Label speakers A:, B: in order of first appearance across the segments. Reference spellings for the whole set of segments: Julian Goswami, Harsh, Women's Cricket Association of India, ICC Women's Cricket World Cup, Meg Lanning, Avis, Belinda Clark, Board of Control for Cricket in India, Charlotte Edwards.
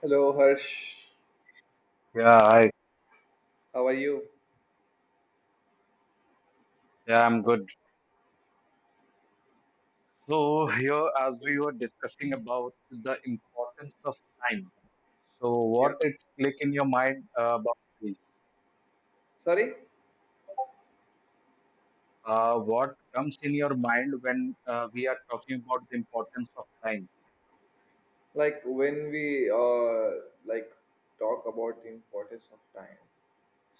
A: Hello, Harsh.
B: Yeah, I
A: How are you?
B: yeah, I'm good. So here, as we were discussing about the importance of time, so what
A: Yeah.
B: it's click in your mind about this?
A: Sorry,
B: What comes in your mind when we are talking about the importance of time?
A: like when we like talk about the importance of time.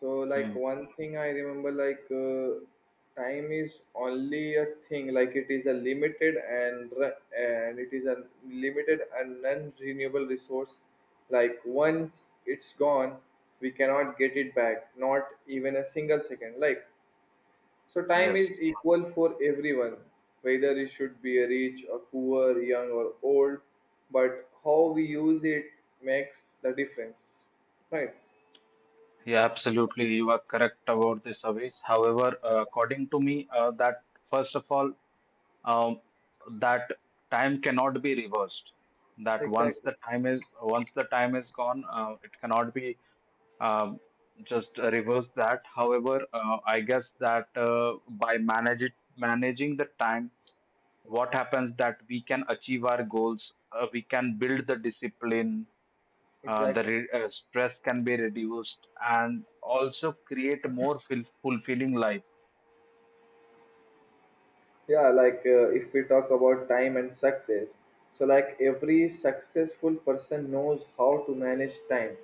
A: So like
B: Hmm.
A: one thing I remember time is only a thing like it is a limited and it is a limited and non-renewable resource. Like once it's gone, we cannot get it back. Not even a single second. Like so time
B: Yes.
A: is equal for everyone, whether it should be a rich or poor, young or old, but how we use it makes the difference. Right?
B: Yeah, absolutely. You are correct about this, Avis. However, according to me, that first of all, um, that time cannot be reversed. That once
A: Exactly.
B: the time is once the time is gone, it cannot be um, just reverse that. However, I guess that by managing the time, what happens that we can achieve our goals, we can build the discipline,
A: Exactly.
B: stress can be reduced, and also create more fulfilling life.
A: Yeah, like if we talk about time and success, so like every successful person knows how to manage time.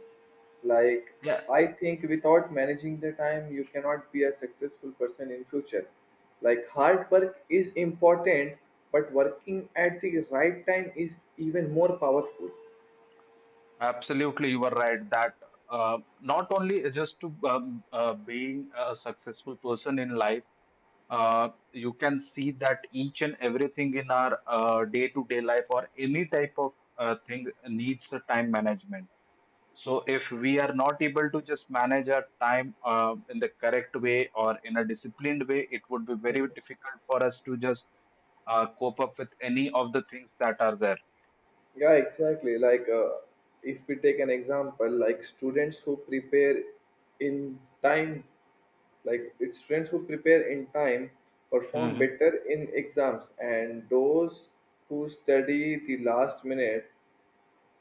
A: Like
B: Yeah,
A: I think without managing the time you cannot be a successful person in future. Like hard work is important, but working at the right time is even more powerful.
B: absolutely, you are right that. Not only just to being a successful person in life, you can see that each and everything in our day-to-day life or any type of thing needs a time management. So if we are not able to just manage our time in the correct way or in a disciplined way, it would be
A: Hmm.
B: very difficult for us to just cope up with any of the things that are there.
A: Yeah, exactly, like if we take an example like students who prepare in time. Like it's students who prepare in time perform
B: Hmm.
A: better in exams, and those who study the last minute,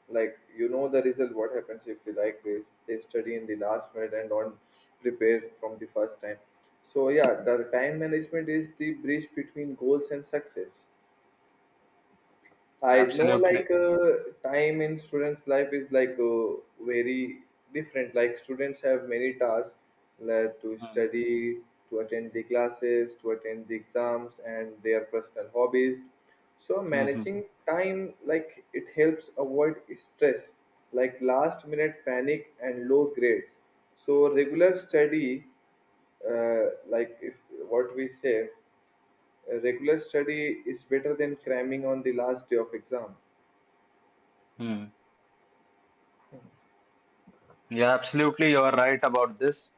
A: like you know the result. What happens if you like they study in the last minute and don't prepare from the first time. So yeah, the time management is the bridge between goals and success. I know
B: Absolutely.
A: like time in students' life is like very different. Like students have many tasks like to
B: Mhm.
A: study, to attend the classes, to attend the exams, and their personal hobbies. So
B: Mm-hmm.
A: managing time like it helps avoid stress, like last minute panic and low grades. So regular study, like if what we say, regular study is better than cramming on the last day of exam.
B: Yeah, absolutely. You are right about this.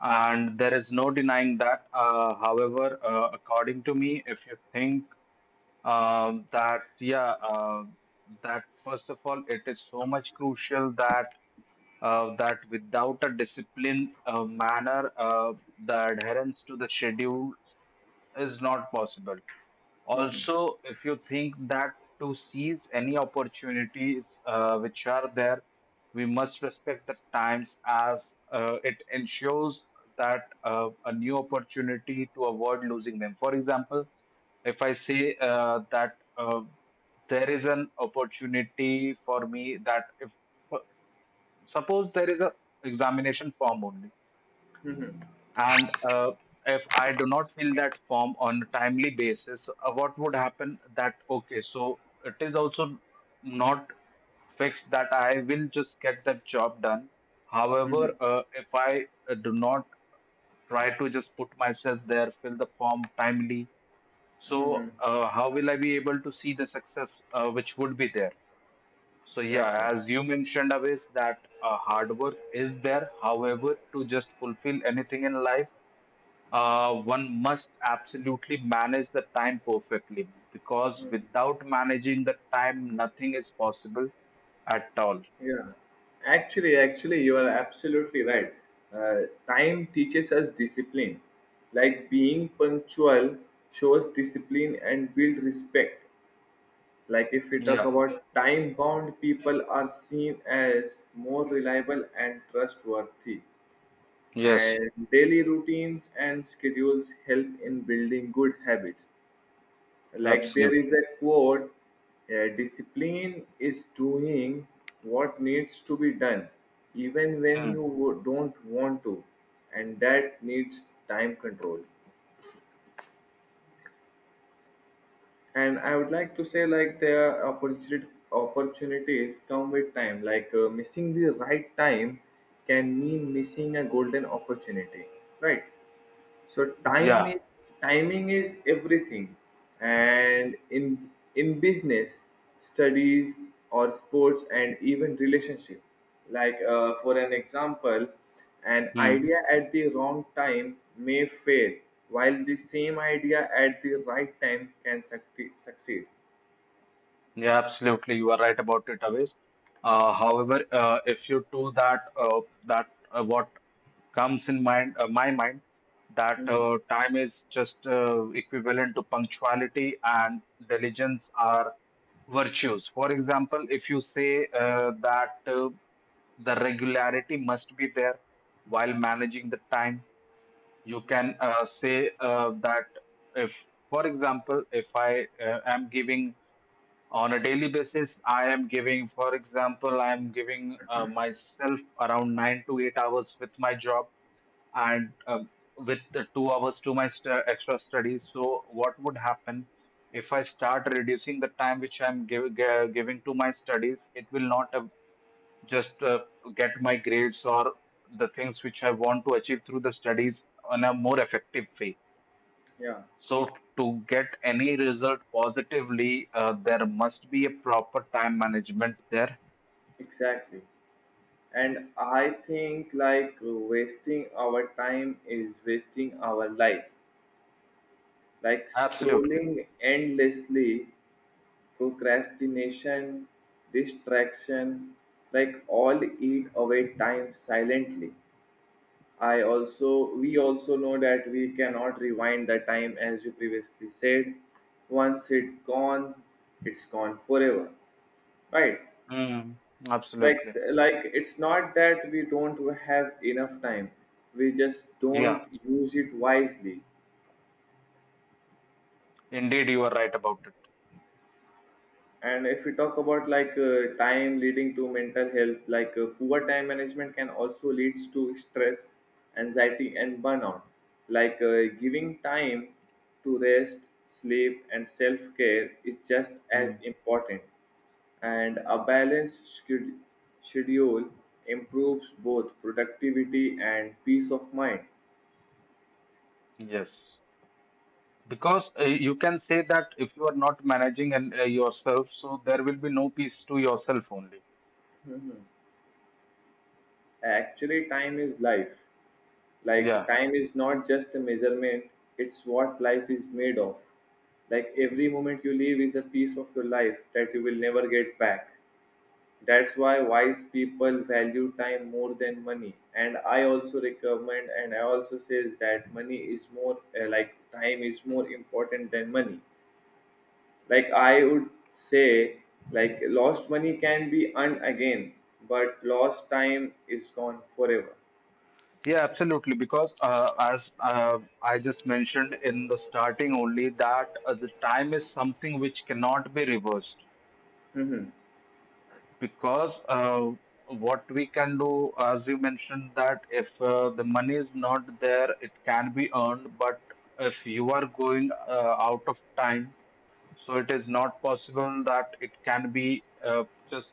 B: And there is no denying that. However, according to me, if you think that, yeah, that first of all, it is so much crucial that without a disciplined manner, the adherence to the schedule is not possible.
A: Mhm.
B: Also, if you think that to seize any opportunities which are there, we must respect the times as it ensures that a new opportunity to avoid losing them. For example, if I say that there is an opportunity for me that if uh, suppose there is a examination form only,
A: Mhm.
B: and if I do not fill that form on a timely basis, what would happen? That okay, so it is also not fixed that I will just get that job done. However,
A: Mhm.
B: if I do not try to just put myself there, fill the form timely, so
A: Mhm.
B: how will I be able to see the success which would be there? So
A: Exactly.
B: yeah, as you mentioned, Avis, that hard work is there. However, to just fulfill anything in life, one must absolutely manage the time perfectly because
A: Mhm.
B: without managing the time, nothing is possible at all.
A: Yeah. Actually, you are absolutely right. Time teaches us discipline. Like being punctual shows discipline and build respect. Like if we talk
B: Yeah,
A: about time bound people are seen as more reliable and trustworthy.
B: yes,
A: And daily routines and schedules help in building good habits. Like there
B: absolutely.
A: is a quote, discipline is doing what needs to be done even when
B: Mm.
A: you don't want to, and that needs time control. And I would like to say like there are opportunity opportunities come with time, like missing the right time can mean missing a golden opportunity, right? So time
B: Yeah,
A: is timing is everything, and in business, studies or sports, and even relationship. Like for an example, an
B: mm,
A: idea at the wrong time may fail, while the same idea at the right time can succeed.
B: yeah, absolutely. You are right about it, Avis. However, if you do that, that what comes in mind my mind, that
A: Mhm.
B: time is just equivalent to punctuality, and diligence are virtues. For example, if you say that the regularity must be there while managing the time. You can say that if, for example, if I am giving on a daily basis, I am giving myself around 9 to 8 hours with my job, and with the 2 hours to my extra studies. So what would happen if I start reducing the time which I'm giving to my studies? It will not just get my grades or the things which I want to achieve through the studies on a more effective way.
A: Yeah,
B: So to get any result positively, there must be a proper time management there.
A: exactly. And I think like wasting our time is wasting our life, like
B: Absolutely.
A: scrolling endlessly, procrastination, distraction, like all eat away time silently. I also, we also know that we cannot rewind the time as you previously said. Once it gone, it's gone forever, right?
B: Mm,
A: Like,
B: absolutely.
A: like it's not that we don't have enough time. We just
B: Yeah,
A: don't use it wisely.
B: indeed you are right about it.
A: And if we talk about like time leading to mental health, like poor time management can also leads to stress, anxiety, and burnout. Like giving time to rest, sleep, and self care is just as
B: Mm.
A: important. And a balanced sched- schedule improves both productivity and peace of mind.
B: Yes. Because you can say that if you are not managing and yourself, so there will be no peace to yourself only.
A: Actually, time is life. Like
B: Yeah,
A: time is not just a measurement, it's what life is made of. Like every moment you live is a piece of your life that you will never get back. That's why wise people value time more than money, and I also recommend and I also says that money is more like time is more important than money. Like I would say, like lost money can be earned again, but lost time is gone forever.
B: yeah, absolutely. Because as I just mentioned in the starting only, that the time is something which cannot be reversed.
A: Mhm.
B: Because what we can do, as you mentioned, that if the money is not there, it can be earned. But if you are going out of time, so it is not possible that it can be just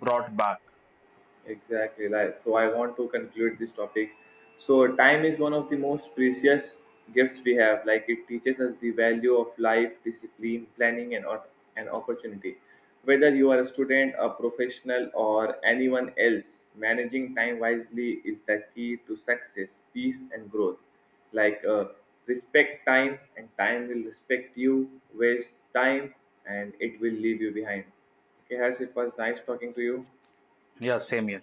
B: brought back.
A: Exactly, right. So I want to conclude this topic. So time is one of the most precious gifts we have. Like it teaches us the value of life, discipline, planning, and opportunity. Whether you are a student, a professional, or anyone else, managing time wisely is the key to success, peace, and growth. Like respect time, and time will respect you. Waste time, and it will leave you behind. Okay, Harsh, it was nice talking to you.
B: Yeah, same here.